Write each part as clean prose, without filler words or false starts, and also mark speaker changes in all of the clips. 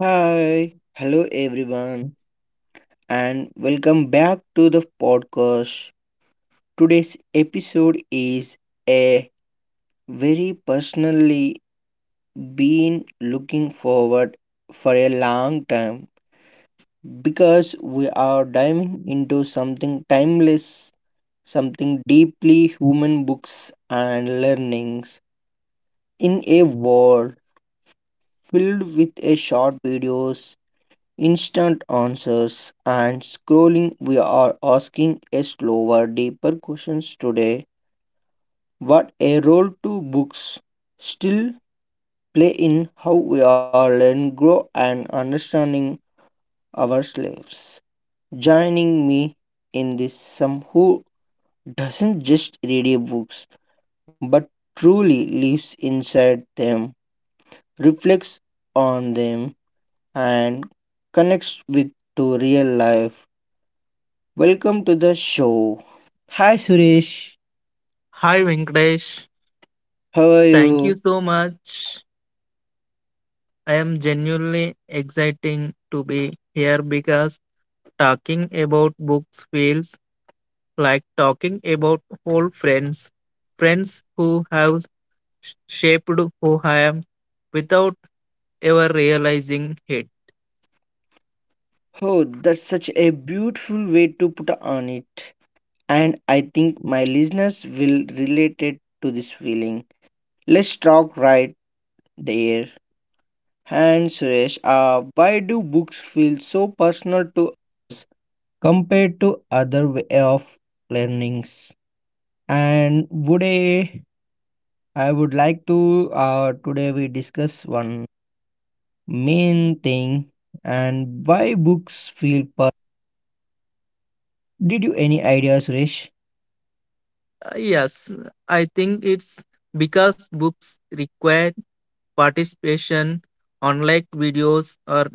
Speaker 1: Hi, hello everyone, and welcome back to the podcast. Today's episode is a very personally been looking forward for a long time because we are diving into something timeless, something deeply human books and learnings in a world filled with a short videos instant answers and scrolling, we are asking a slower, deeper questions today. What a role do books still play in how we are learn, grow, and understanding ourselves. Joining me in this, some who doesn't just read a books but truly lives inside them, reflects on them, and connects with to real life. Welcome to the show. Hi Suresh,
Speaker 2: Hi Venkatesh,
Speaker 1: how are
Speaker 2: thank
Speaker 1: you?
Speaker 2: you so much. I am genuinely exciting to be here because talking about books feels like talking about old friends, friends who have shaped who I am without ever realizing it.
Speaker 1: Oh, that's such a beautiful way to put on it. And I think my listeners will relate it to this feeling. Let's talk right there. And Suresh, why do books feel so personal to us compared to other way of learnings? And would I, I would like to today we discuss one. Main thing and why books feel per, did you any idea Suresh?
Speaker 2: Yes, I think it's because books require participation, unlike videos or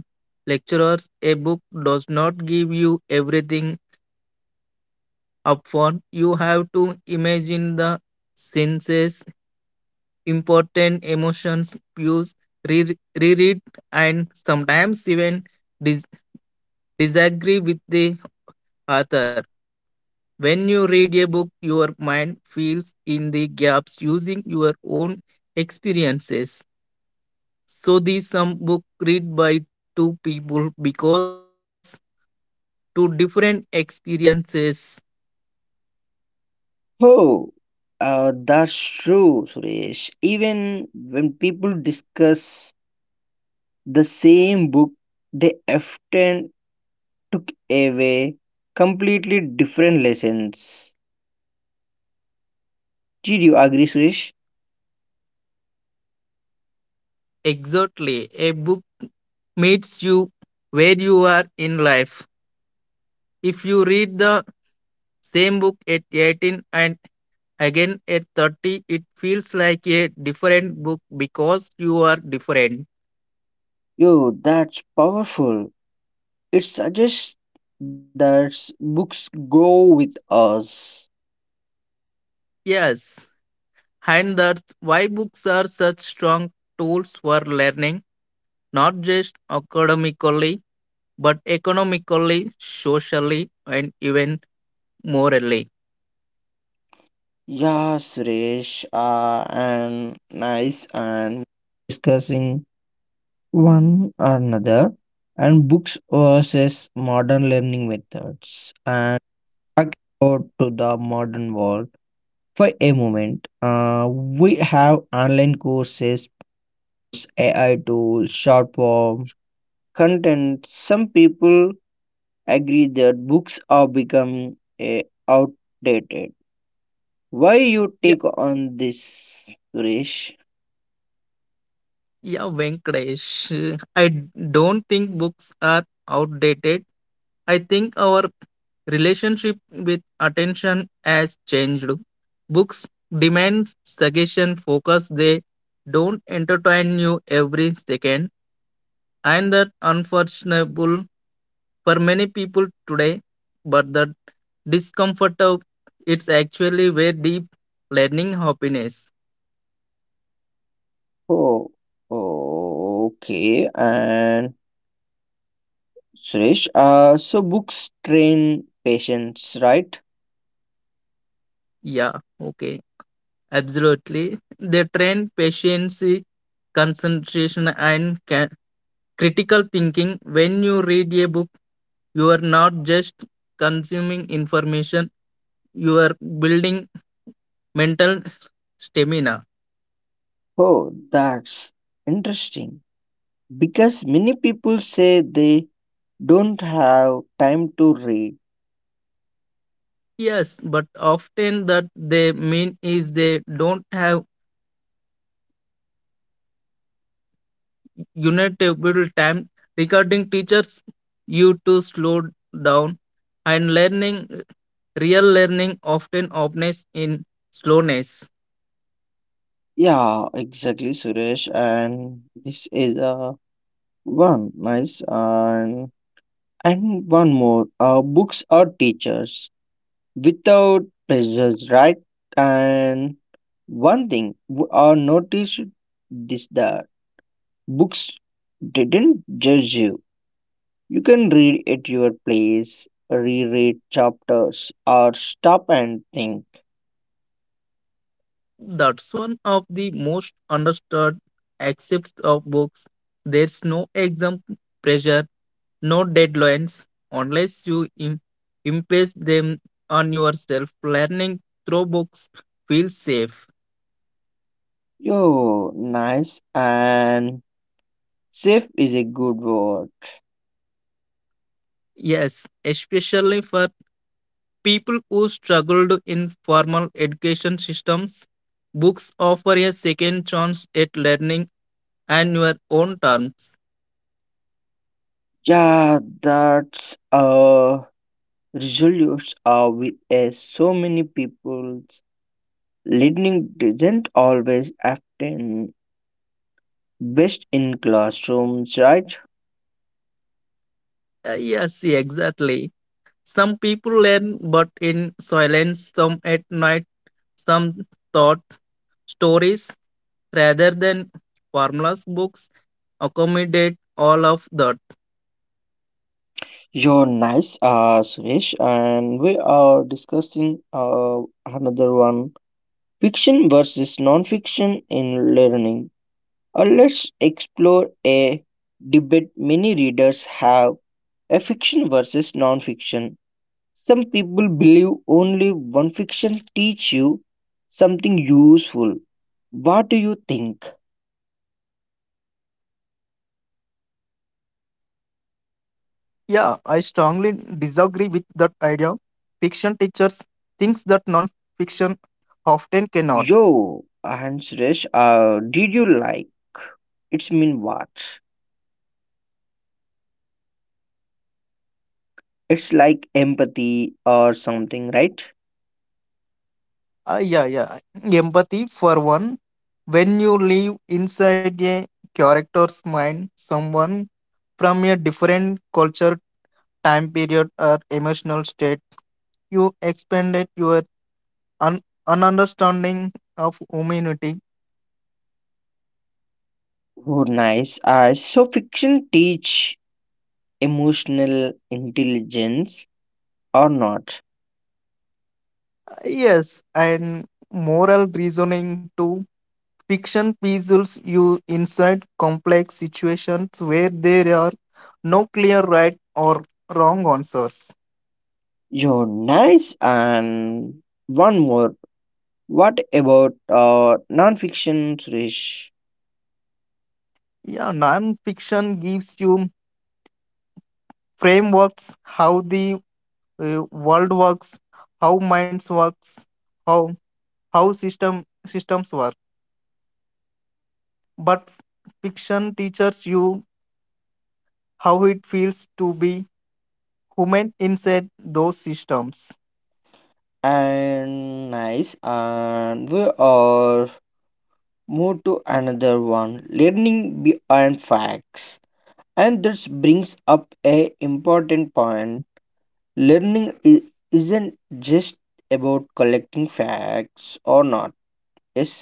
Speaker 2: lecturers. A book does not give you everything upon. You have to imagine the senses, important emotions, views, reread, and sometimes even dis- disagree with the author. When you read a book, your mind fills in the gaps using your own experiences. So these some book read by two people because two different experiences.
Speaker 1: Oh, that's true, Suresh. Even when people discuss the same book, they often took away completely different lessons. Did you agree, Suresh?
Speaker 2: Exactly, a book meets you where you are in life. If you read the same book at 18 and again at 30, it feels like a different book because you are different.
Speaker 1: Yo, that's powerful. It suggests that books grow with us.
Speaker 2: Yes, and that's why books are such strong tools for learning, not just academically, but economically, socially, and even morally.
Speaker 1: Yeah, Suresh, and nice, and discussing one another and books versus modern learning methods and back out to the modern world for a moment. We have online courses, AI tools, short form content. Some people agree that books are becoming uh, outdated. Why you
Speaker 2: Yeah,
Speaker 1: take on this, Suresh?
Speaker 2: yeah, Venkatesh. I don't think books are outdated. I think our relationship with attention has changed. Books demand suggestion focus. They don't entertain you every second. And that unfortunate for many people today, but the discomfort of it's actually where deep learning happiness.
Speaker 1: Oh, oh, okay. And Suresh, so books train patients, right?
Speaker 2: Yeah, okay. Absolutely. They train patience, concentration and critical thinking. When you read a book, you are not just consuming information you are building mental stamina.
Speaker 1: Oh, that's interesting because many people say they don't have time to read.
Speaker 2: Yes, but often that they mean is they don't have unitable time regarding teachers you to slow down and learning real learning often opens in slowness.
Speaker 1: Yeah, exactly, Suresh. And this is one nice and one more. Books are teachers without pressures, right? And one thing I noticed this that books didn't judge you. You can read at your place, reread chapters, or stop and think.
Speaker 2: That's one of the most understood aspects of books. There's no exam pressure, no deadlines unless you impose them on yourself. Learning through books feels safe.
Speaker 1: Yo, nice and safe is a good word.
Speaker 2: Yes, especially for people who struggled in formal education systems, books offer a second chance at learning on your own terms.
Speaker 1: Yeah, that's a resolutions are with so many people's learning didn't always happen best in classrooms, right?
Speaker 2: Yes, exactly. Some people learn, but in silence, some at night, some thought stories rather than formulas books accommodate all of that.
Speaker 1: You're nice, Suresh, and we are discussing another one fiction versus non fiction in learning. Let's explore a debate many readers have a fiction versus non fiction. Some people believe only one fiction teach you something useful. What do you think?
Speaker 2: Yeah, I strongly disagree with that idea. Fiction teaches things that non-fiction often cannot.
Speaker 1: Yo, and Suresh, did you like? It's mean what? It's like empathy or something, right?
Speaker 2: Yeah. Empathy for one. When you live inside a character's mind, someone from a different culture, time period, or emotional state, you expanded your un- understanding of humanity.
Speaker 1: Oh, nice. So fiction teach emotional intelligence or not?
Speaker 2: Yes, and moral reasoning too. Fiction puzzles you inside complex situations where there are no clear right or wrong answers.
Speaker 1: Yo, nice. And one more. What about non-fiction, Suresh?
Speaker 2: Yeah, non-fiction gives you frameworks how the world works, how minds works, how how systems work. But fiction teaches you how it feels to be human inside those systems.
Speaker 1: And nice. And we are move to another one. Learning beyond facts. And this brings up a important point, learning i- isn't just about collecting facts or not yes.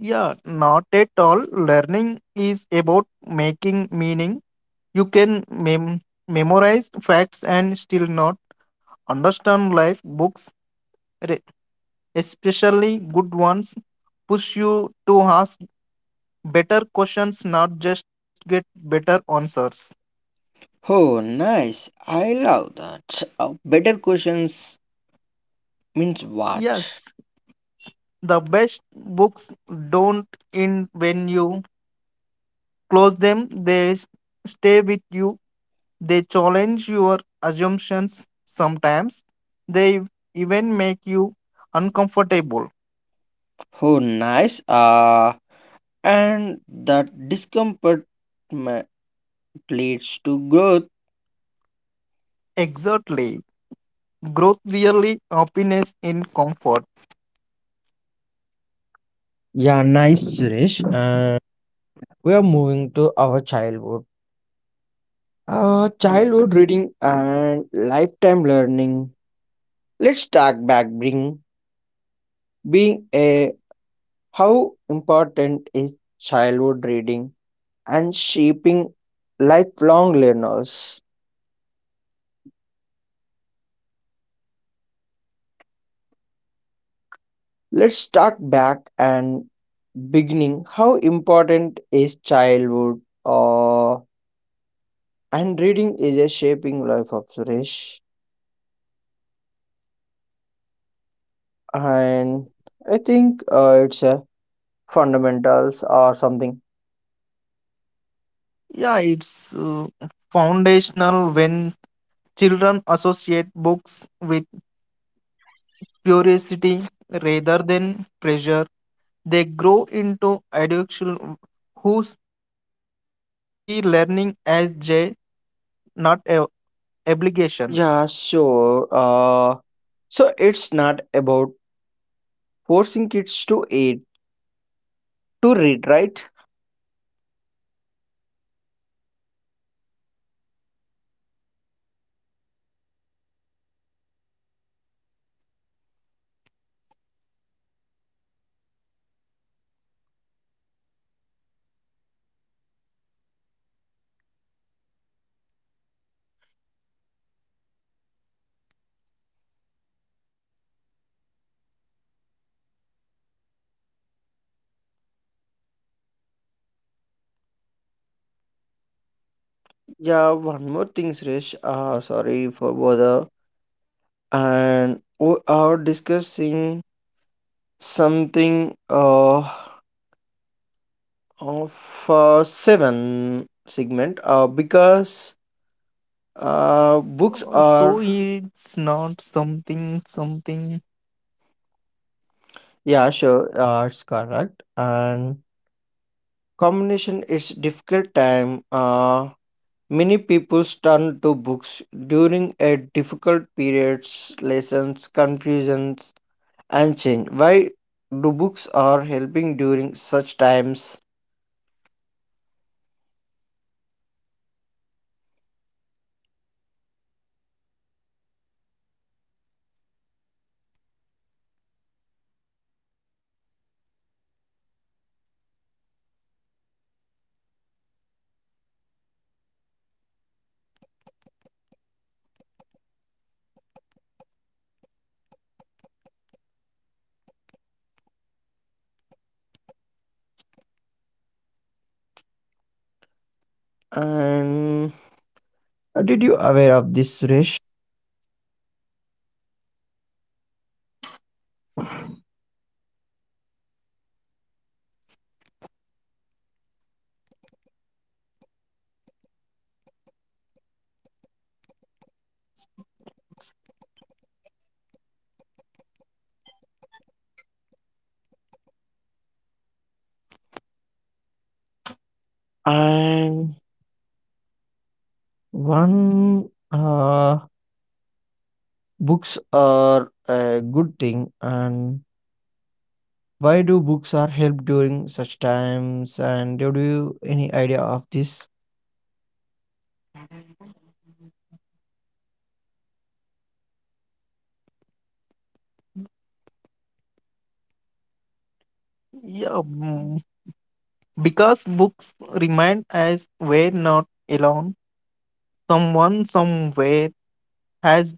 Speaker 2: Yeah, not at all. Learning is about making meaning. You can memorize facts and still not understand life. Books, re- especially good ones, push you to ask better questions, not just get better answers.
Speaker 1: Oh nice, I love that. Better questions means what?
Speaker 2: Yes, the best books don't end when you close them, they stay with you. They challenge your assumptions sometimes. They even make you uncomfortable.
Speaker 1: Oh nice, and that discomfort ma- leads to growth.
Speaker 2: Exactly. Growth really happiness in comfort
Speaker 1: Yeah, nice, Suresh. We are moving to our childhood.
Speaker 2: really.
Speaker 1: Childhood reading and lifetime learning. Let's talk back bring being a how important is childhood reading and shaping lifelong learners. Let's talk back and beginning how important is childhood and reading is a shaping life of Suresh and I think it's a fundamentals or something.
Speaker 2: Yeah, it's foundational. When children associate books with curiosity rather than pressure, they grow into adults who see learning as joy, not a obligation.
Speaker 1: Yeah, sure. So it's not about forcing kids to eat to read, right? Yeah, one more thing, Suresh. Sorry for bother. And we are discussing something of seven segment because books
Speaker 2: So
Speaker 1: are
Speaker 2: it's not something.
Speaker 1: yeah sure it's correct and combination is difficult time, many people turn to books during a difficult periods lessons confusions and change why do books are helping during such times and did you aware of this Suresh and one books are a good thing and why do books are help during such times and do you any idea of this?
Speaker 2: Yeah, mm, because books remind us we're not alone. Someone somewhere has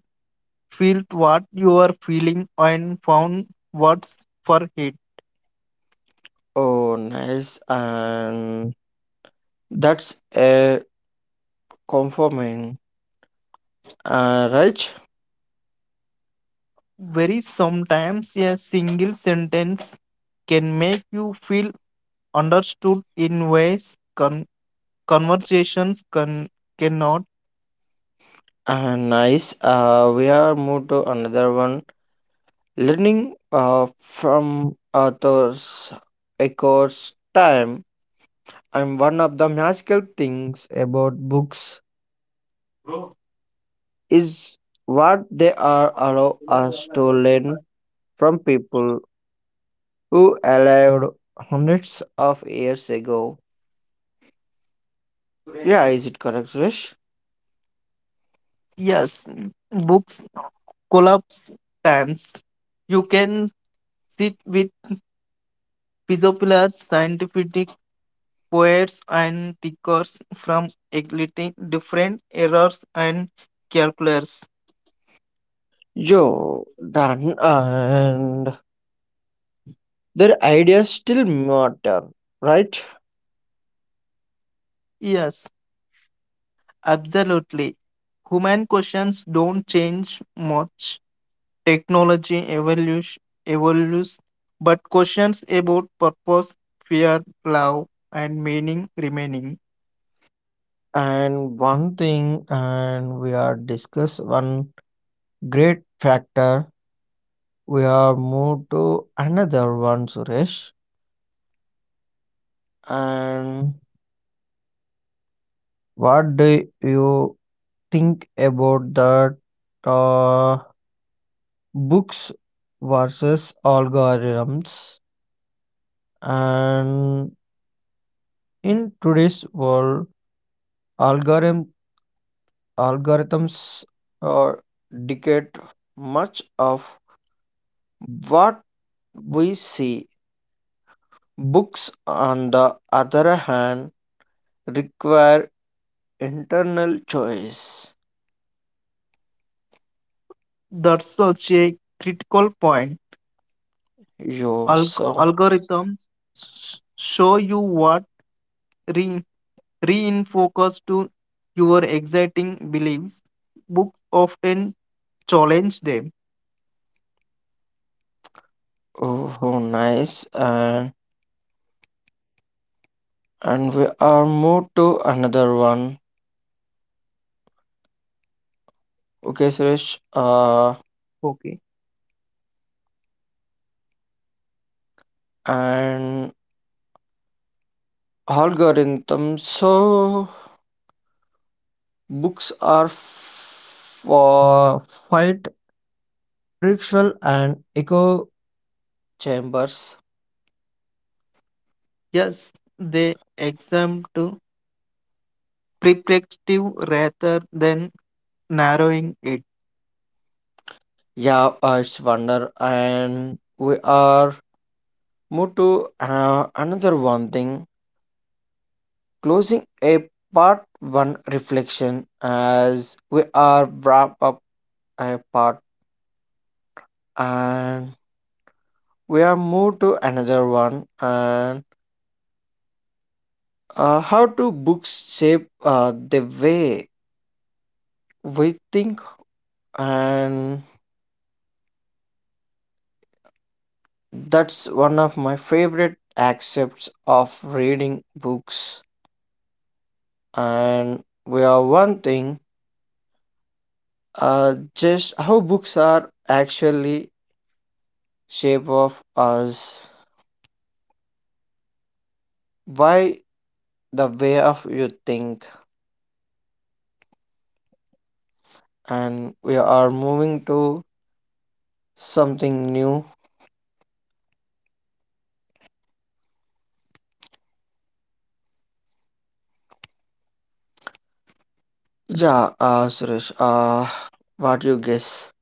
Speaker 2: felt what you are feeling and found words for it.
Speaker 1: Oh nice, and that's a conforming right.
Speaker 2: Very sometimes a single sentence can make you feel understood in ways conversations cannot.
Speaker 1: And nice we are moved to another one. Learning from authors echoes time, and one of the magical things about books is what they are allow us to learn from people who lived hundreds of years ago. Yeah, is it correct, Rish?
Speaker 2: Yes, books collapse times. You can sit with philosophers, scientific poets, and thinkers from completely different eras and calculators.
Speaker 1: Yo, done, and their ideas still matter, right?
Speaker 2: Yes. Absolutely. Human questions don't change much. Technology evolution evolves, but questions about purpose, fear, love, and meaning remaining.
Speaker 1: And one thing, and we are discuss one great factor. We are moved to another one, Suresh. And what do you think about that uh, books versus algorithms? And in today's world, algorithm algorithms are dictate much of what we see. Books, on the other hand, require internal choice
Speaker 2: That's such a critical point.
Speaker 1: yourself.
Speaker 2: Algorithms show you what re- reinforces to your exciting beliefs. Books often challenge them.
Speaker 1: Oh, oh, nice. And we are moved to another one. Okay, Suresh.
Speaker 2: Okay.
Speaker 1: And algorithm. So books are for fight ritual and echo chambers.
Speaker 2: Yes, they exempt perspective rather than narrowing it.
Speaker 1: Yeah, it's wonder. And we are moved to another one thing. Closing a part one reflection as we are wrap up iPod and we are moved to another one and how do books shape the way we think and that's one of my favorite aspects of reading books and we are one thing, just how books are actually shape of us by the way of you think and we are moving to something new. Yeah, Suresh, what you guess?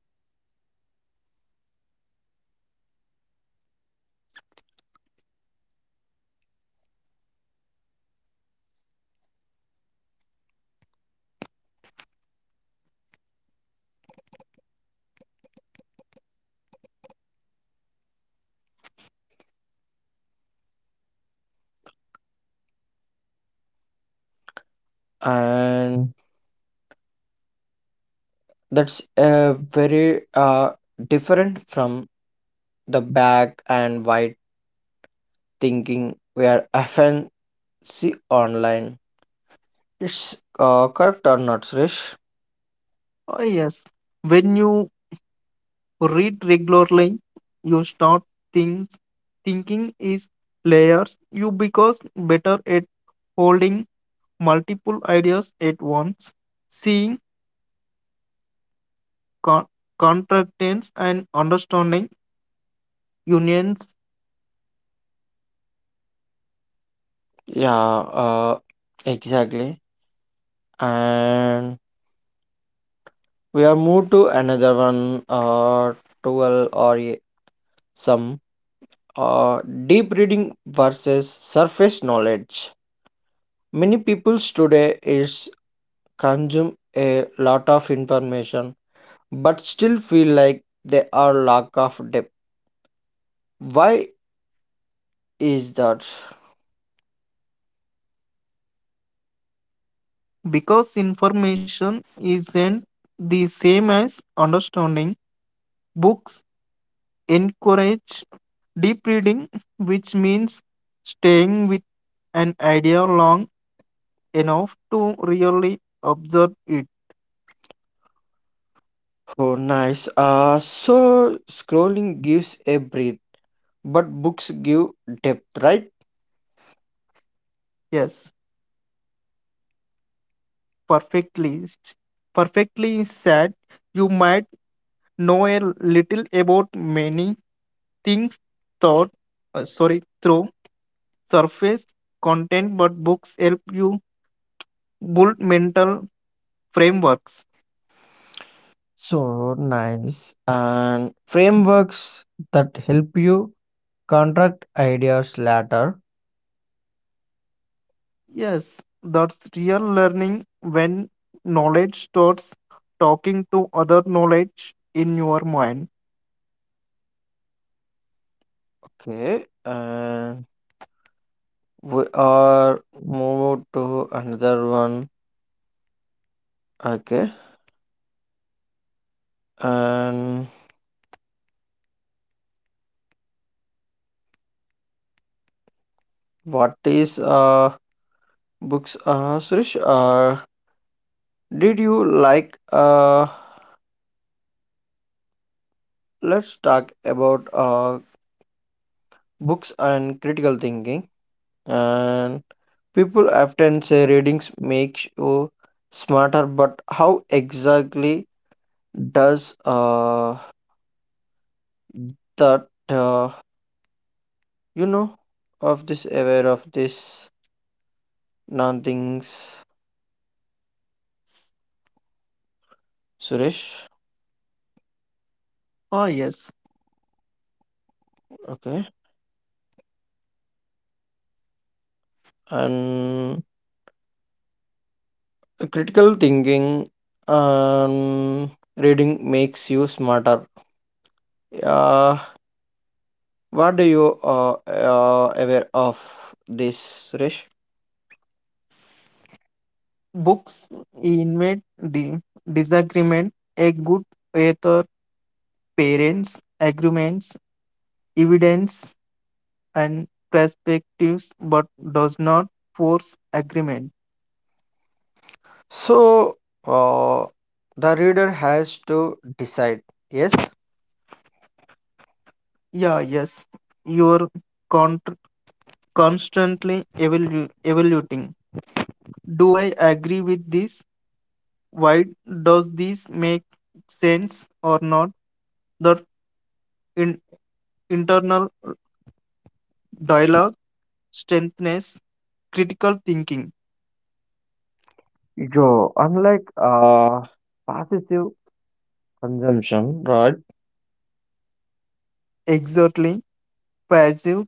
Speaker 1: And that's a very different from the black and white thinking we are often see online. It's correct or not, Suresh?
Speaker 2: Oh, yes, when you read regularly, you start things thinking is layers. You because better at holding multiple ideas at once, seeing con- contractants and understanding unions.
Speaker 1: Yeah, exactly. And we are moved to another one, tool or some uh deep reading versus surface knowledge. Many peoples today is consume a lot of information but still feel like they are lack of depth, why is that?
Speaker 2: Because information isn't the same as understanding, books encourage deep reading, which means staying with an idea long enough to really observe it.
Speaker 1: Oh nice, so scrolling gives a breath but books give depth right?
Speaker 2: Yes, perfectly. Perfectly said. You might know a little about many things thought sorry through surface content, but books help you build mental frameworks.
Speaker 1: So nice, and frameworks that help you contract ideas later.
Speaker 2: Yes, that's real learning when knowledge starts talking to other knowledge in your mind.
Speaker 1: Okay, and we are move to another one. Okay, and what is books. Suresh, did you like? Let's talk about books and critical thinking. And people often say readings makes you smarter, but how exactly does that you know of this aware of this non things, Suresh?
Speaker 2: Yes.
Speaker 1: Okay, and critical thinking and reading makes you smarter. Uh, what do you aware of this, Rish?
Speaker 2: Books invade the disagreement. A good author, parents, agreements, evidence, and perspectives, but does not force agreement.
Speaker 1: So, uh, the reader has to decide. Yes.
Speaker 2: Yeah, yes. You're con- constantly evaluating. Do I agree with this? Why does this make sense or not? The in, internal dialogue strengthens critical thinking.
Speaker 1: Yo, unlike passive consumption, right?
Speaker 2: Exactly. Passive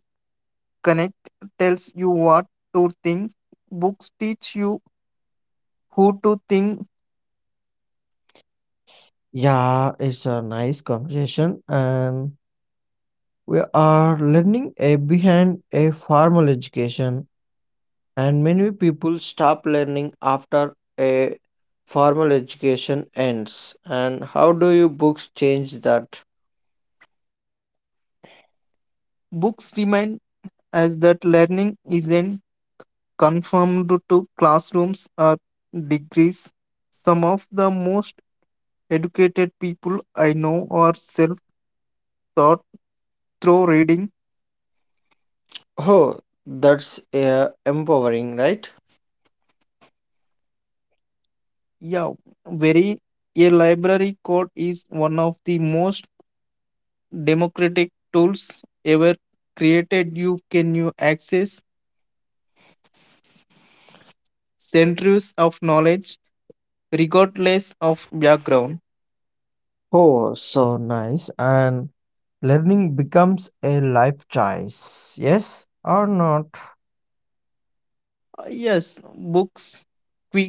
Speaker 2: connect tells you what to think. Books teach you who to think.
Speaker 1: Yeah, it's a nice conversation, and we are learning a behind a formal education. And many people stop learning after a formal education ends and how do you books change that?
Speaker 2: Books remind us that learning isn't confined to classrooms or degrees. Some of the most educated people I know are self taught through reading.
Speaker 1: Oh that's uh, empowering right?
Speaker 2: Yeah, very. A library code is one of the most democratic tools ever created. You can you access centuries of knowledge regardless of background.
Speaker 1: Oh so nice, and learning becomes a life choice, yes or not?
Speaker 2: Yes, books quick,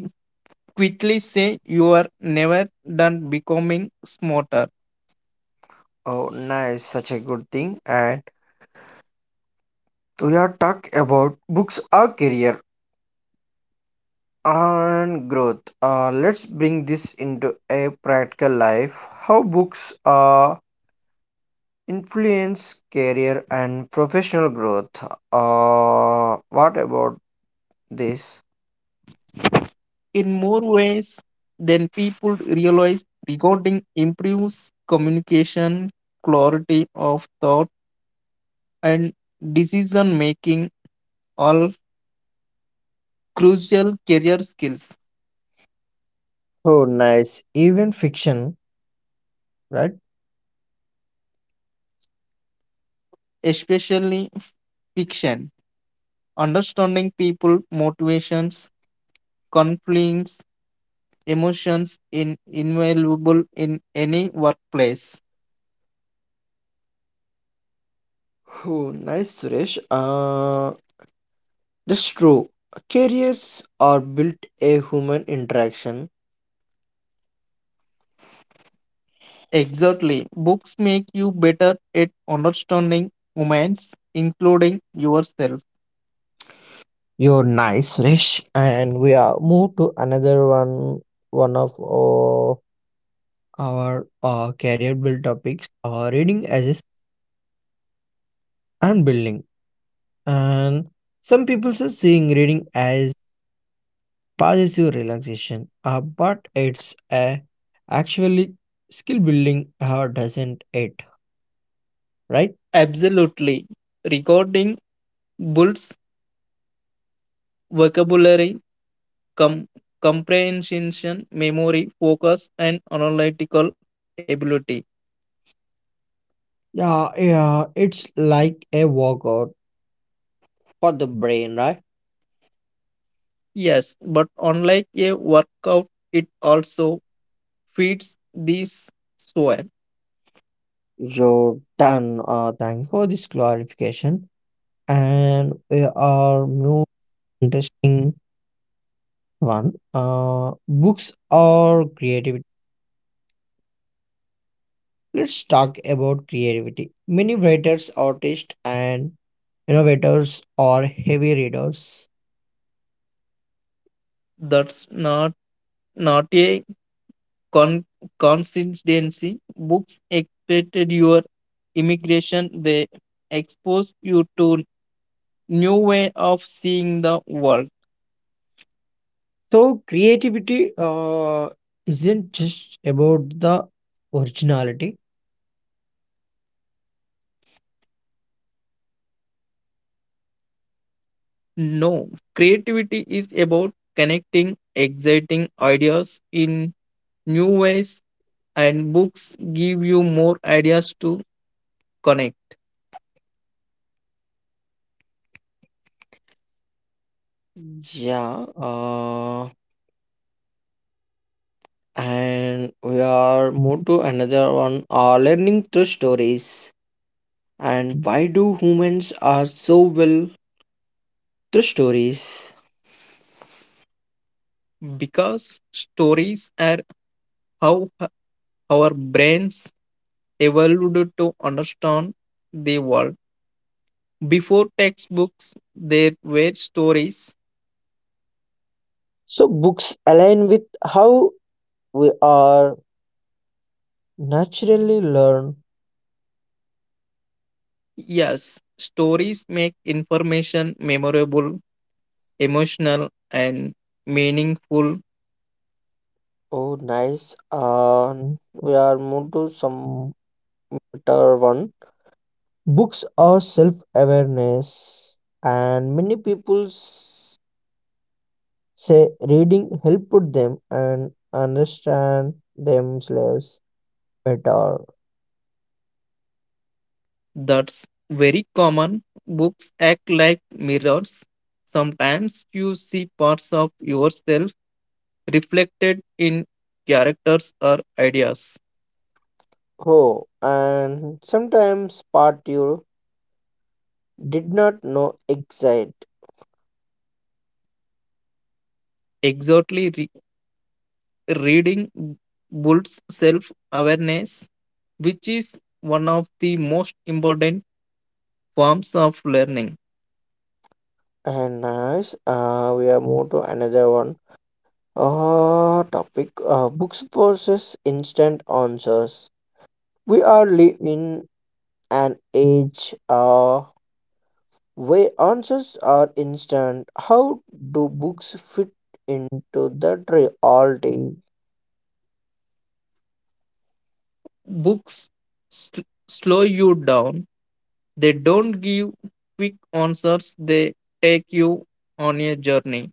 Speaker 2: quickly say you are never done becoming smarter.
Speaker 1: Oh nice, such a good thing, and we are talk about books our career and growth. Uh, let's bring this into a practical life how books are influence, career, and professional growth. What about this?
Speaker 2: In more ways than people realize, recording improves communication, clarity of thought and decision making are crucial career skills,
Speaker 1: Oh, nice. Even fiction, right?
Speaker 2: especially fiction. Understanding people, motivations, conflicts, emotions in invaluable in any workplace.
Speaker 1: Oh, nice, Suresh. That's true. Careers are built a human interaction.
Speaker 2: Exactly. Books make you better at understanding humans, including yourself.
Speaker 1: You're nice, Suresh. And we are move to another one, one of our career build topics, reading as a and building. And some people are seeing reading as passes you relaxation, but it's a actually skill building, doesn't it? Right?
Speaker 2: Absolutely. Recording builds vocabulary, com- comprehension, memory, focus, and analytical ability.
Speaker 1: Yeah. It's like a workout for the brain, right?
Speaker 2: Yes, but unlike a workout, it also feeds this soil.
Speaker 1: You're done. Thanks for this clarification. And we are more interesting one. Books or creativity. Let's talk about creativity. Many writers, artists, and innovators are heavy readers.
Speaker 2: That's not a con- consistency. Books expected your immigration. They exposed you to new way of seeing the world.
Speaker 1: So creativity isn't just about the originality.
Speaker 2: No, creativity is about connecting exciting ideas in new ways, and books give you more ideas to connect.
Speaker 1: Yeah, and we are moved to another one. Learning through stories and why do humans are so well through stories?
Speaker 2: Because stories are how our brains evolved to understand the world. Before textbooks there were stories.
Speaker 1: So books align with how we are naturally learn.
Speaker 2: Yes, stories make information memorable, emotional and meaningful.
Speaker 1: Oh, nice. We are moved to some better one. Books are self awareness, and many people say reading helped them and understand themselves better.
Speaker 2: That's very common. Books act like mirrors. Sometimes you see parts of yourself reflected in characters or ideas.
Speaker 1: Oh, and sometimes part you did not know exit.
Speaker 2: Exactly. Reading builds self awareness, which is one of the most important forms of learning.
Speaker 1: And nice, we are move to another one. Topic books versus instant answers. We are live in an age. Where answers are instant. How do books fit into that reality?
Speaker 2: Books slow you down, they don't give quick answers, they take you on a journey.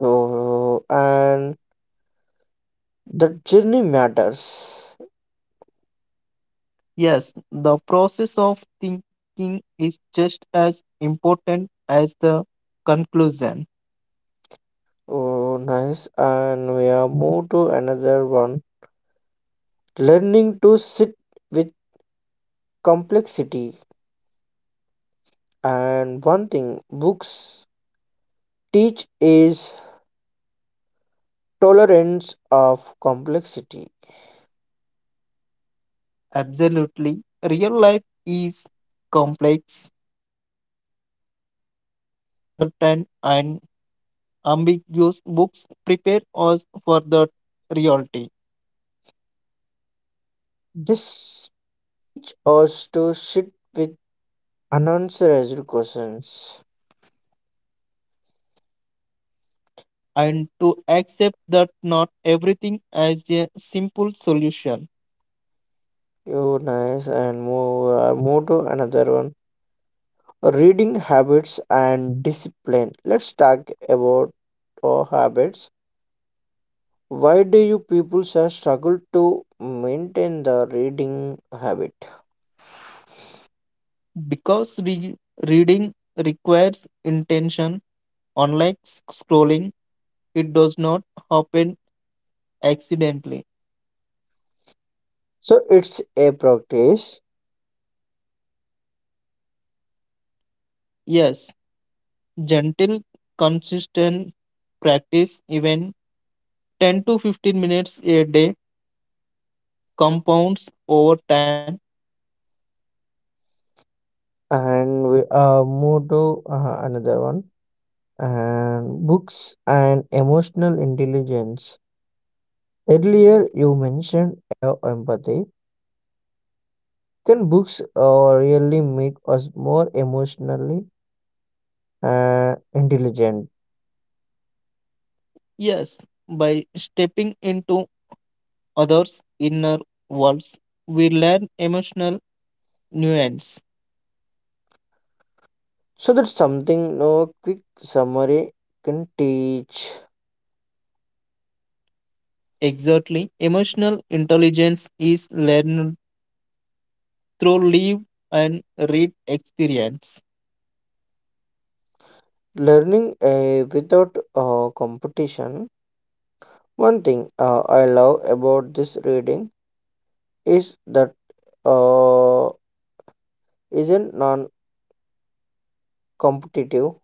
Speaker 1: Oh, and the journey matters.
Speaker 2: Yes, the process of thinking is just as important as the conclusion.
Speaker 1: Oh, nice. And we are move to another one. Learning to sit with complexity. And one thing books teach is tolerance of complexity.
Speaker 2: Absolutely. Real life is complex and uncertain, and ambiguous books prepare us for that reality,
Speaker 1: This teach us to sit with unanswered questions.
Speaker 2: and to accept that not everything as a simple solution.
Speaker 1: Oh, nice. And move, move to another one. Reading habits and discipline. Let's talk about our habits. Why do you people sir, struggle to maintain the reading habit?
Speaker 2: Because reading requires intention, unlike scrolling, it does not happen accidentally.
Speaker 1: So it's a practice,
Speaker 2: Yes, gentle, consistent practice, even 10 to 15 minutes a day compounds over time.
Speaker 1: and we move to another one. And books and emotional intelligence. Earlier, you mentioned empathy. Can books really make us more emotionally intelligent.
Speaker 2: Yes, by stepping into others' inner worlds, we learn emotional nuance.
Speaker 1: So that's something no quick summary can teach.
Speaker 2: Exactly, emotional intelligence is learned through live and read experience.
Speaker 1: Learning without competition. One thing I love about this reading is that uh, isn't non-competitive.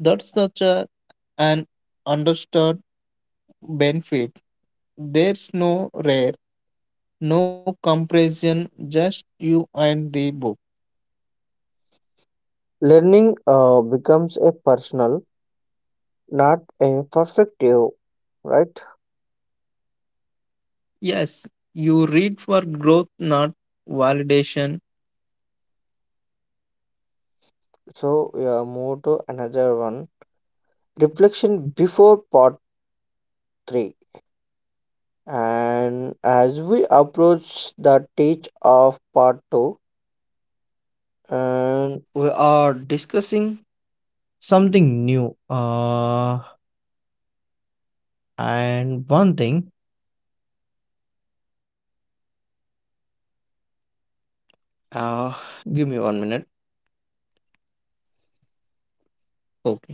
Speaker 2: That's such a, an understood benefit. There's no rare, no comparison, just you and the book.
Speaker 1: Learning becomes a personal, not a perfective, right?
Speaker 2: Yes, you read for growth, not validation.
Speaker 1: So yeah, move to another one. Reflection before part three. And as we approach the teach of part two, and we are discussing something new. And one thing, uh, give me 1 minute.
Speaker 2: Okay.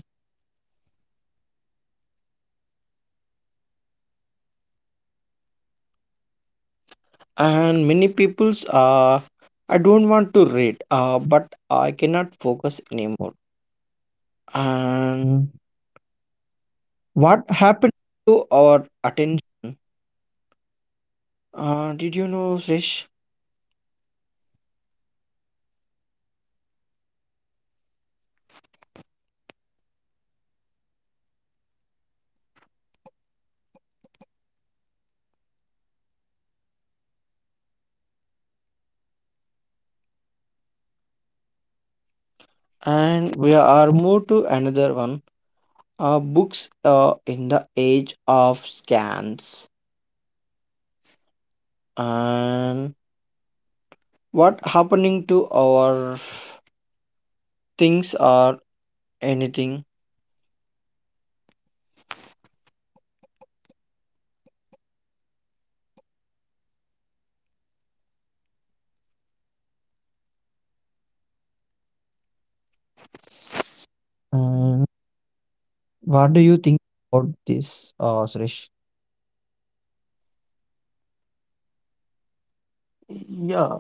Speaker 1: And many people's, I don't want to read, but I cannot focus anymore. And what happened to our attention? Did you know, Srish? And we are moved to another one. Books in the age of scans and what happening to our things or anything. And what do you think about this, Suresh?
Speaker 2: Yeah,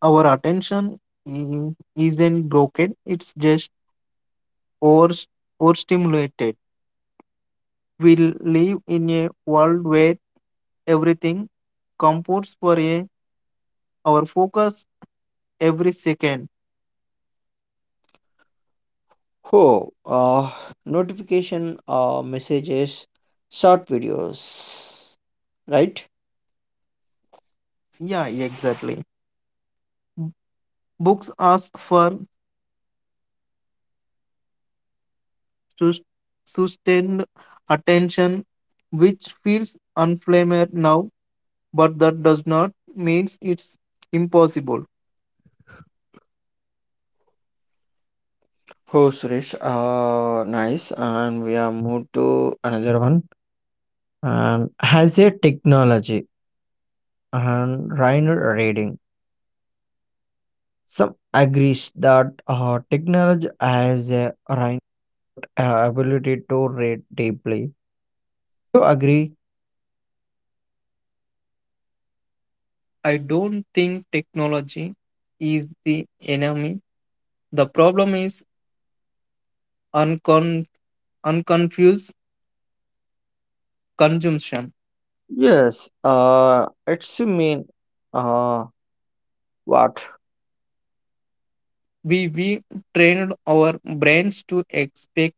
Speaker 2: our attention i- isn't broken, it's just over overstimulated. We live in a world where everything competes for our focus every second.
Speaker 1: oh uh, Notification, messages, short videos, right.
Speaker 2: Yeah, exactly. Books ask for sus- sustained attention, which feels unflamed now, but that does not means it's impossible.
Speaker 1: Oh Suresh, nice. And we are moved to another one. And has a technology and Rhino reading? Some agrees that technology has a right, ability to read deeply. You agree?
Speaker 2: I don't think technology is the enemy. The problem is uncon- unconfused consumption.
Speaker 1: Yes. It's mean, uh, what?
Speaker 2: We trained our brains to expect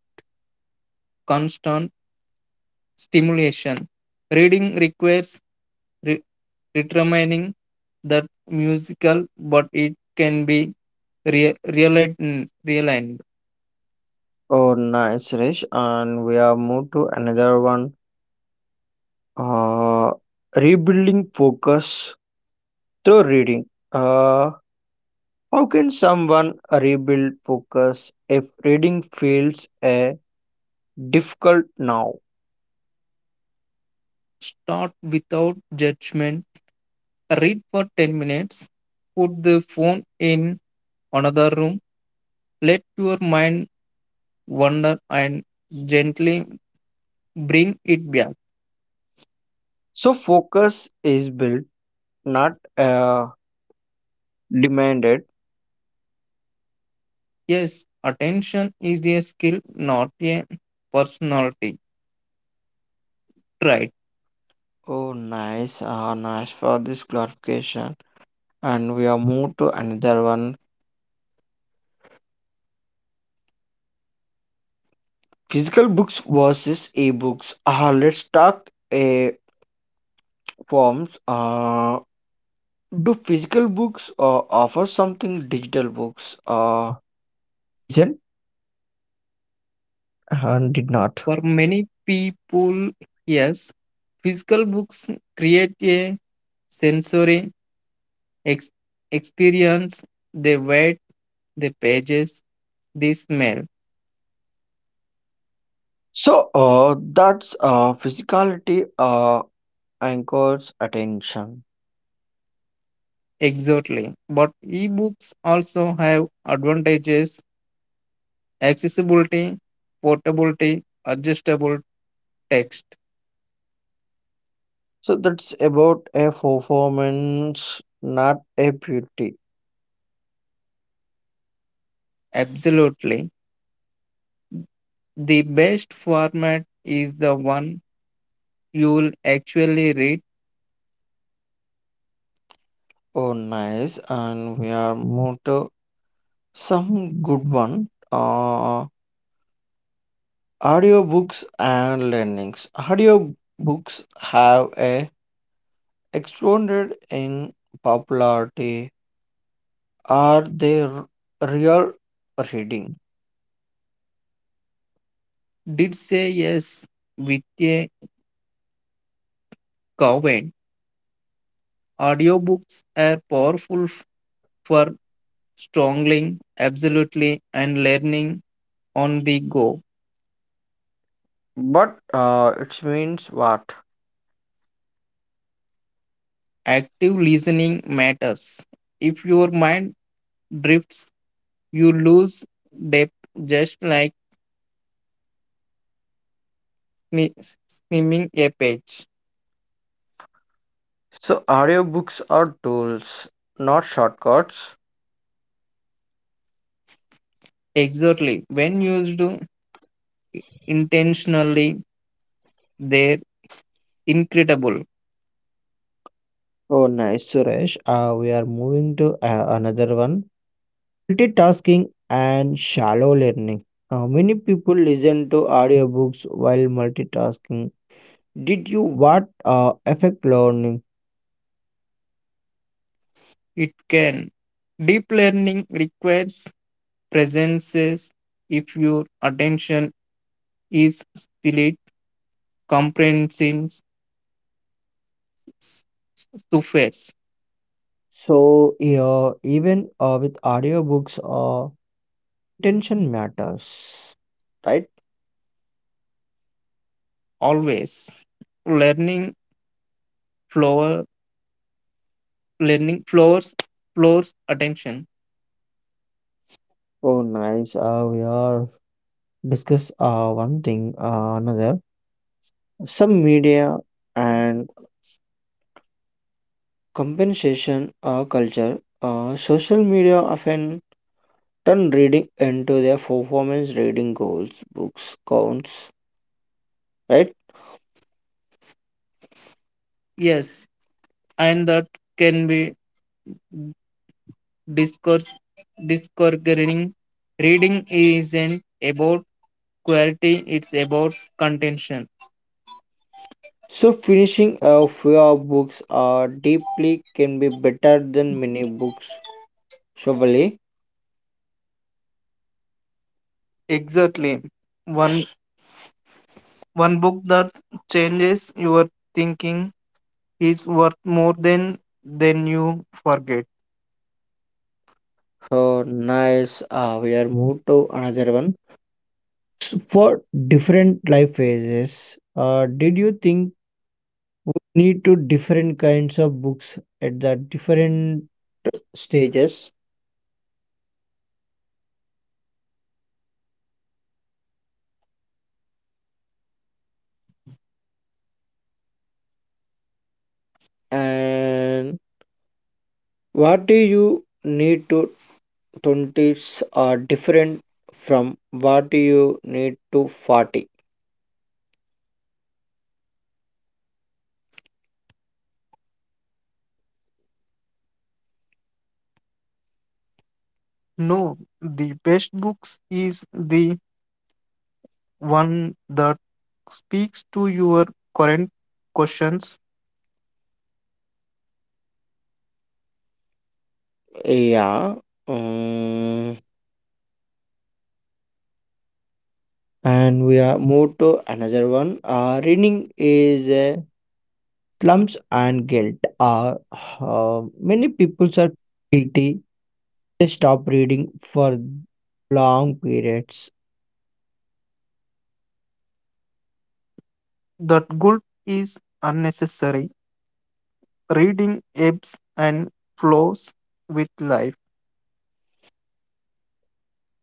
Speaker 2: constant stimulation. Reading requires re- determining that musical, but it can be realigned.
Speaker 1: Oh, nice, Rish. And we are moved to another one. Uh, Rebuilding focus through reading. Uh, how can someone rebuild focus if reading feels a difficult now?
Speaker 2: Start without judgment read for 10 minutes, put the phone in another room, let your mind wander and gently bring it back.
Speaker 1: So focus is built, not demanded.
Speaker 2: Yes, attention is a skill, not a personality trait.
Speaker 1: Oh, nice, nice for this clarification. And we are moved to another one. Physical books versus e-books. Let's talk forms. Do physical books offer something digital books isn't and did not?
Speaker 2: For many people, yes, physical books create a sensory ex- experience. They wait, the pages, they smell.
Speaker 1: So that's physicality anchors attention.
Speaker 2: Exactly. But ebooks also have advantages accessibility, portability, adjustable text.
Speaker 1: So that's about a performance, not a beauty.
Speaker 2: Absolutely. The best format is the one you'll actually read.
Speaker 1: Oh, nice. And we are moved to some good one. Audiobooks and learnings. Audiobooks have a exploded in popularity. Are they real reading?
Speaker 2: Did say yes with a comment. Audiobooks are powerful for strongling, absolutely, and learning on the go.
Speaker 1: But it means what?
Speaker 2: Active listening matters. If your mind drifts, you lose depth just like swimming a page.
Speaker 1: So audiobooks are tools, not shortcuts.
Speaker 2: Exactly. When used intentionally, they're incredible.
Speaker 1: Oh, nice, Suresh. We are moving to another one. Multitasking and shallow learning. Many people listen to audiobooks while multitasking. Did you what affect learning?
Speaker 2: It can. Deep learning requires presences. If your attention is split, comprehension suffers.
Speaker 1: So yeah, even with audiobooks, attention matters, right?
Speaker 2: Always. Learning flower learning floors floors attention.
Speaker 1: Oh, nice. We are discuss, one thing, another. Some media and compensation culture. Social media often turn reading into their performance, reading goals, books, counts, right.
Speaker 2: Yes. And that can be discourse discouraging. Reading isn't about quality, it's about contention.
Speaker 1: So finishing a few of books are deeply can be better than many books, surely.
Speaker 2: Exactly. One one book that changes your thinking is worth more than you forget.
Speaker 1: So nice, we are moved to another one. So for different life phases, did you think we need to different kinds of books at the different stages, and what do you need to 20s are different from what you need to 40?
Speaker 2: No, the best books is the one that speaks to your current questions.
Speaker 1: Yeah. um, and we are moved to another one. Reading is, slums and guilt are, uh, many people are guilty they stop reading for long periods.
Speaker 2: That guilt is unnecessary. Reading ebbs and flows with life.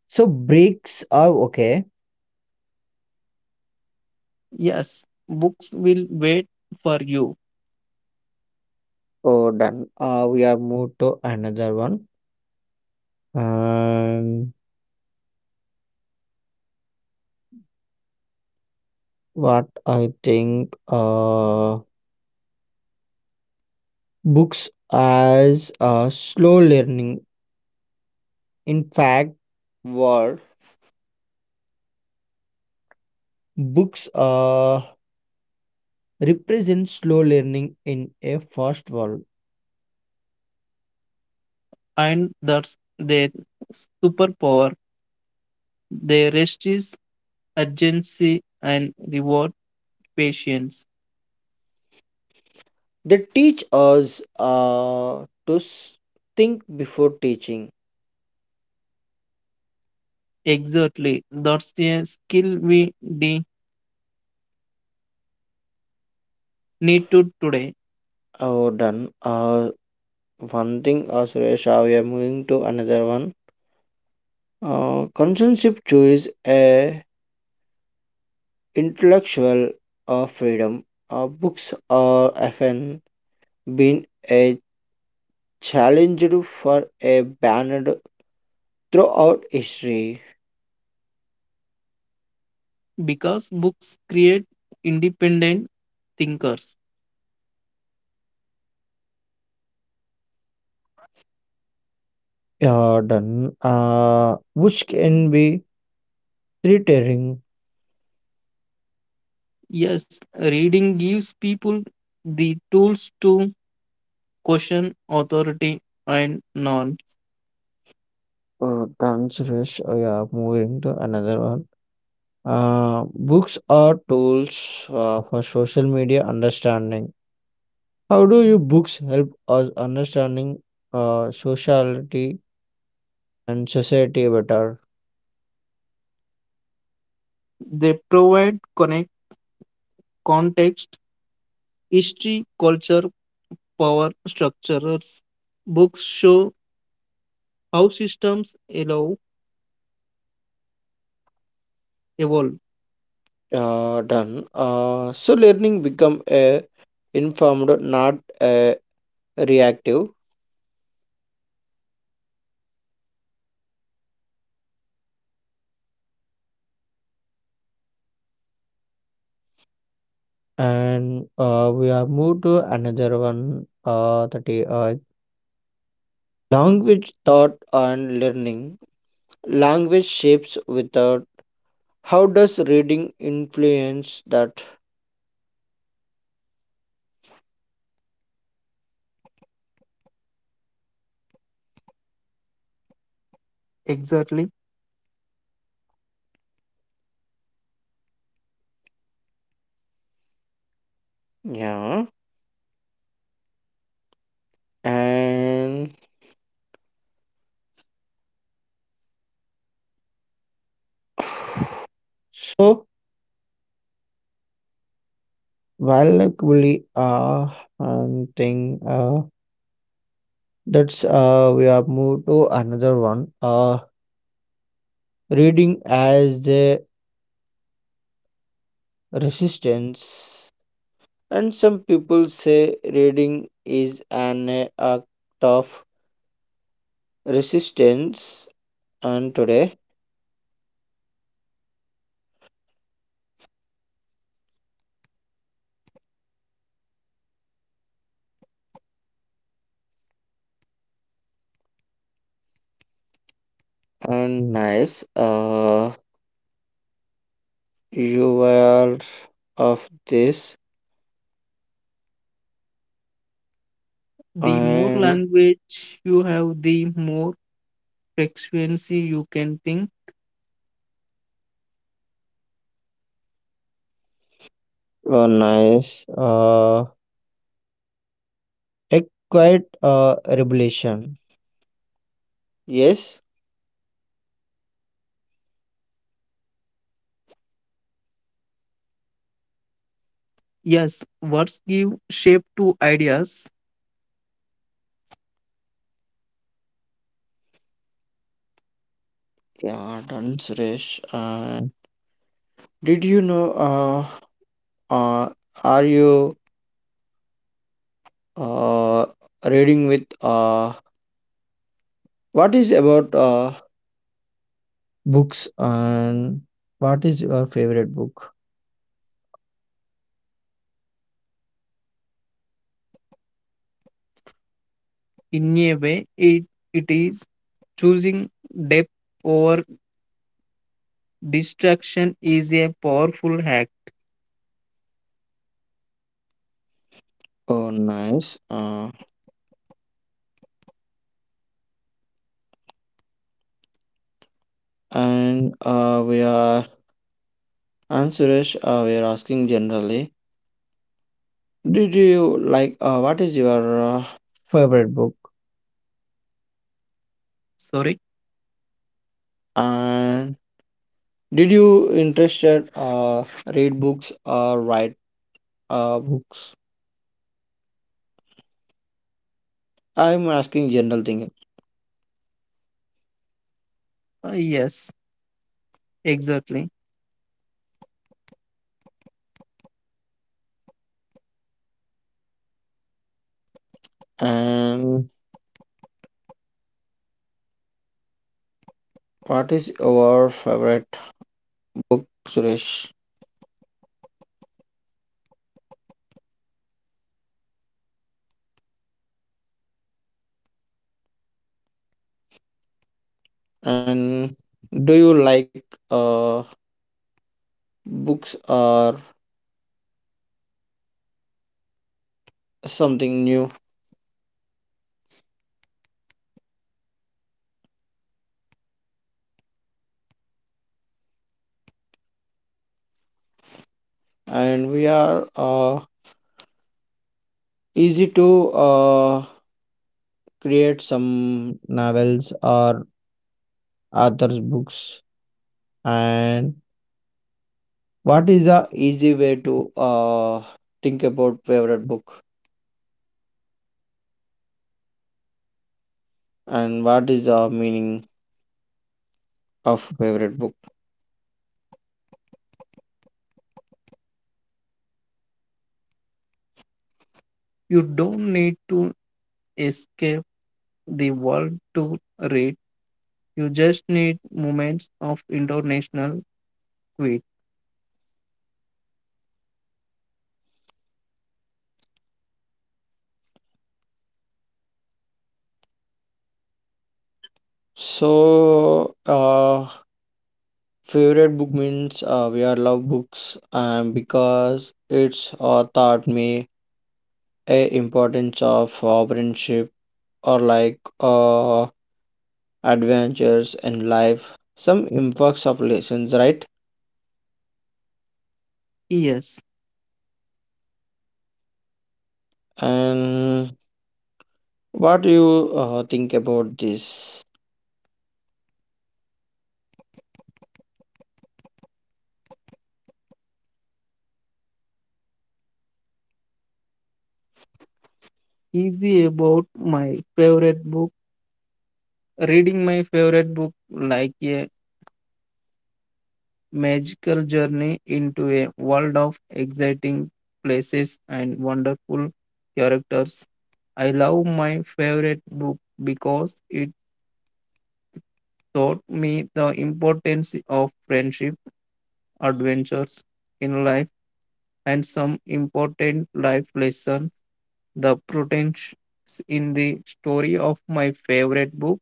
Speaker 1: So breaks are okay.
Speaker 2: Yes, books will wait for you.
Speaker 1: Oh, done. We are moved to another one. And what I think books as a slow learning. In fact, Word. Books, represent slow learning in a fast world.
Speaker 2: And that's their superpower. They resist urgency and reward patience.
Speaker 1: They teach us to think before teaching.
Speaker 2: Exactly, that's a skill we de- need to today.
Speaker 1: Oh, done. One thing, Suresh, we are moving to another one. Consensus choice a intellectual freedom. Books are often been a challenged for a banned throughout history.
Speaker 2: Because books create independent thinkers.
Speaker 1: Yeah, done. Which can be threatening
Speaker 2: Yes, reading gives people the tools to question authority and norms.
Speaker 1: or dangerous. Oh, yeah, moving to another one. Books are tools for social media understanding. How do you books help us understanding sociality and society better?
Speaker 2: They provide connect context, history, culture, power structures. Books show how systems allow evolve.
Speaker 1: Done. So learning become a informed, not a reactive. And we have moved to another one, that is, language thought and learning. Language shapes without. How does reading influence that?
Speaker 2: Exactly,
Speaker 1: Yeah, and so while like we thing that's we have moved to another one, reading as the resistance. And some people say reading is an act of resistance. And today, and nice, you are of this,
Speaker 2: the more
Speaker 1: and
Speaker 2: language you have, the more frequency you can think.
Speaker 1: oh, nice, a quite revelation. Yes,
Speaker 2: Yes, words give shape to ideas.
Speaker 1: yeah, done, Suresh. And did you know, uh, are you, uh, reading with, what is about, books, and what is your favorite book?
Speaker 2: In a way it, it is choosing depth over distraction is a powerful hack.
Speaker 1: Oh, nice. And we are and Suresh. We are asking generally. Did you like? What is your favorite book?
Speaker 2: Sorry.
Speaker 1: And did you interested read books or write books? I'm asking general thing.
Speaker 2: Yes exactly.
Speaker 1: And what is your favorite book, Suresh? And do you like uh books or something new, and we are easy to create some novels or authors books, and what is a easy way to think about favorite book, and what is the meaning of favorite book?
Speaker 2: You don't need to escape the world to read, you just need moments of international tweet.
Speaker 1: So favorite book means, we are love books, and because it's, taught me a importance of, friendship or like, adventures in life, some impacts of lessons, right?
Speaker 2: Yes,
Speaker 1: And what do you think about this?
Speaker 2: easy about my favorite book. Reading my favorite book like a magical journey into a world of exciting places and wonderful characters. I love my favorite book because it taught me the importance of friendship, adventures in life, and some important life lessons. The potential in the story of my favorite book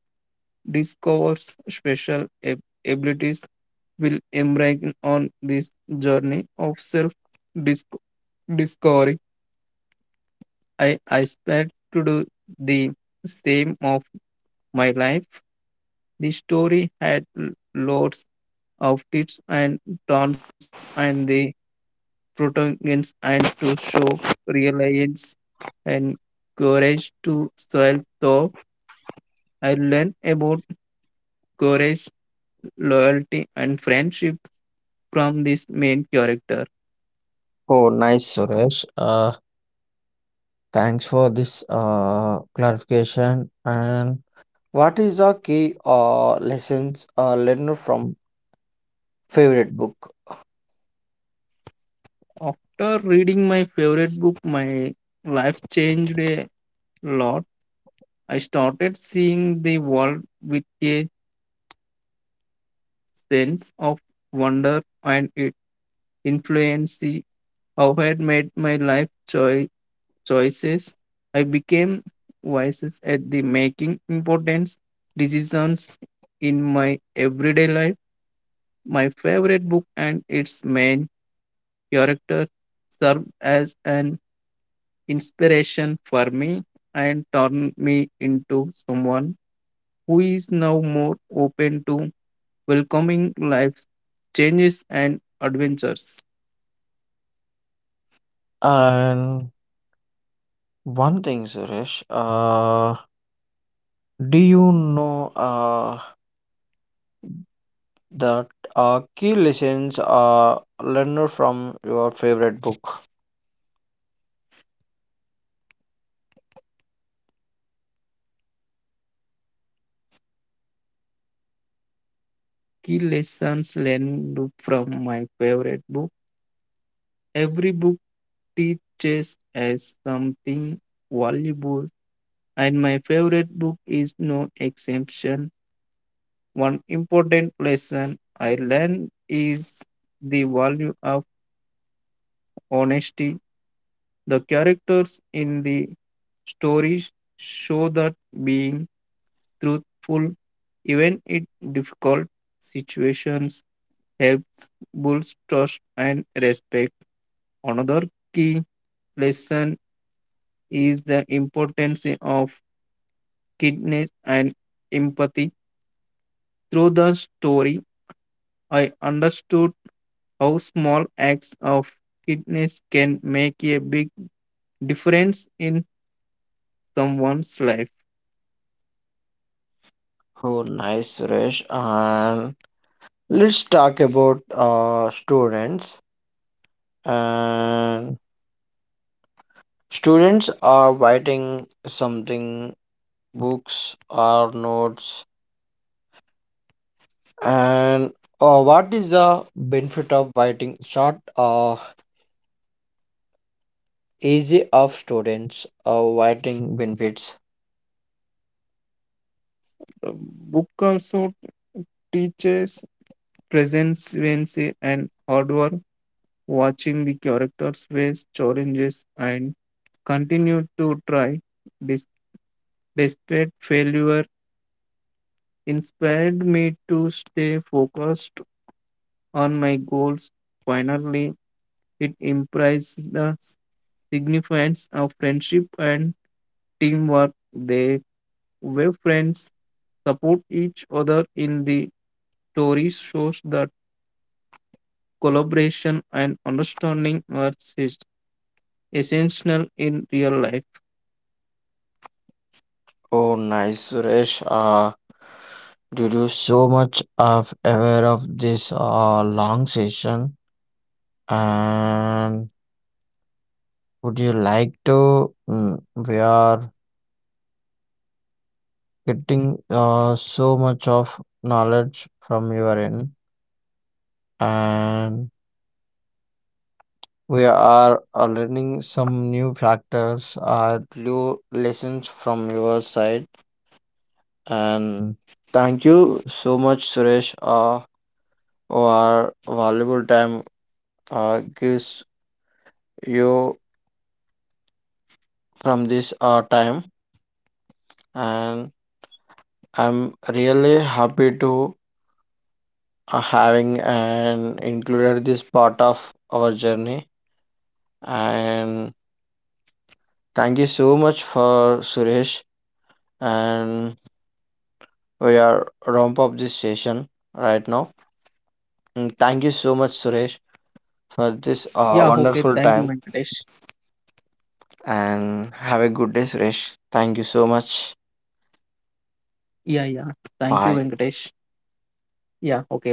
Speaker 2: discovers special abilities will embark on this journey of self discovery. I aspire to do the same of my life. The story had lots of twists and turns, and the protagonists and to show reliance and courage to self thought. I learned about courage, loyalty, and friendship from this main character.
Speaker 1: Oh, nice, Suresh. Thanks for this, clarification. And what is the key, lessons, learned from favorite book?
Speaker 2: After reading my favorite book, my life changed a lot. I started seeing the world with a sense of wonder, and it influenced how I had made my life choices. I became wise at the making important decisions in my everyday life. My favorite book and its main character serve as an inspiration for me and turn me into someone who is now more open to welcoming life's changes and adventures.
Speaker 1: And one thing, Suresh. Do you know, that key lessons are learned from your favorite book?
Speaker 2: Key lessons learned from my favorite book. Every book teaches us something valuable, and my favorite book is no exception. One important lesson I learned is the value of honesty. The characters in the stories show that being truthful, even in difficult situations, helps build trust and respect. Another key lesson is the importance of kindness and empathy. Through the story, I understood how small acts of kindness can make a big difference in someone's life.
Speaker 1: Oh, nice, Suresh. And let's talk about students. And students are writing something, books or notes. And what is the benefit of writing? Short, easy of students, writing benefits.
Speaker 2: The book also teaches presence and hard work. Watching the characters face challenges and continue to try dis- despite failure, inspired me to stay focused on my goals. Finally, it implies the significance of friendship and teamwork. They were friends support each other in the story shows that collaboration and understanding are essential in real life.
Speaker 1: Oh, nice, Suresh. Due to so much of aware of this, long session, and would you like to? We are getting, so much of knowledge from your end, and we are, learning some new factors, new lessons from your side. And thank you so much, Suresh, for valuable time, gives you from this, time. And I'm really happy to, having and included this part of our journey. And thank you so much for Suresh. And we are ramp up this session right now. And thank you so much, Suresh, for this,
Speaker 2: Yeah, okay. Thank you,
Speaker 1: wonderful time.
Speaker 2: Venkatesh.
Speaker 1: And have a good day, Suresh. Thank you so much.
Speaker 2: Yeah, yeah. Thank you,
Speaker 1: Bye.
Speaker 2: Venkatesh. Yeah, okay. Bye.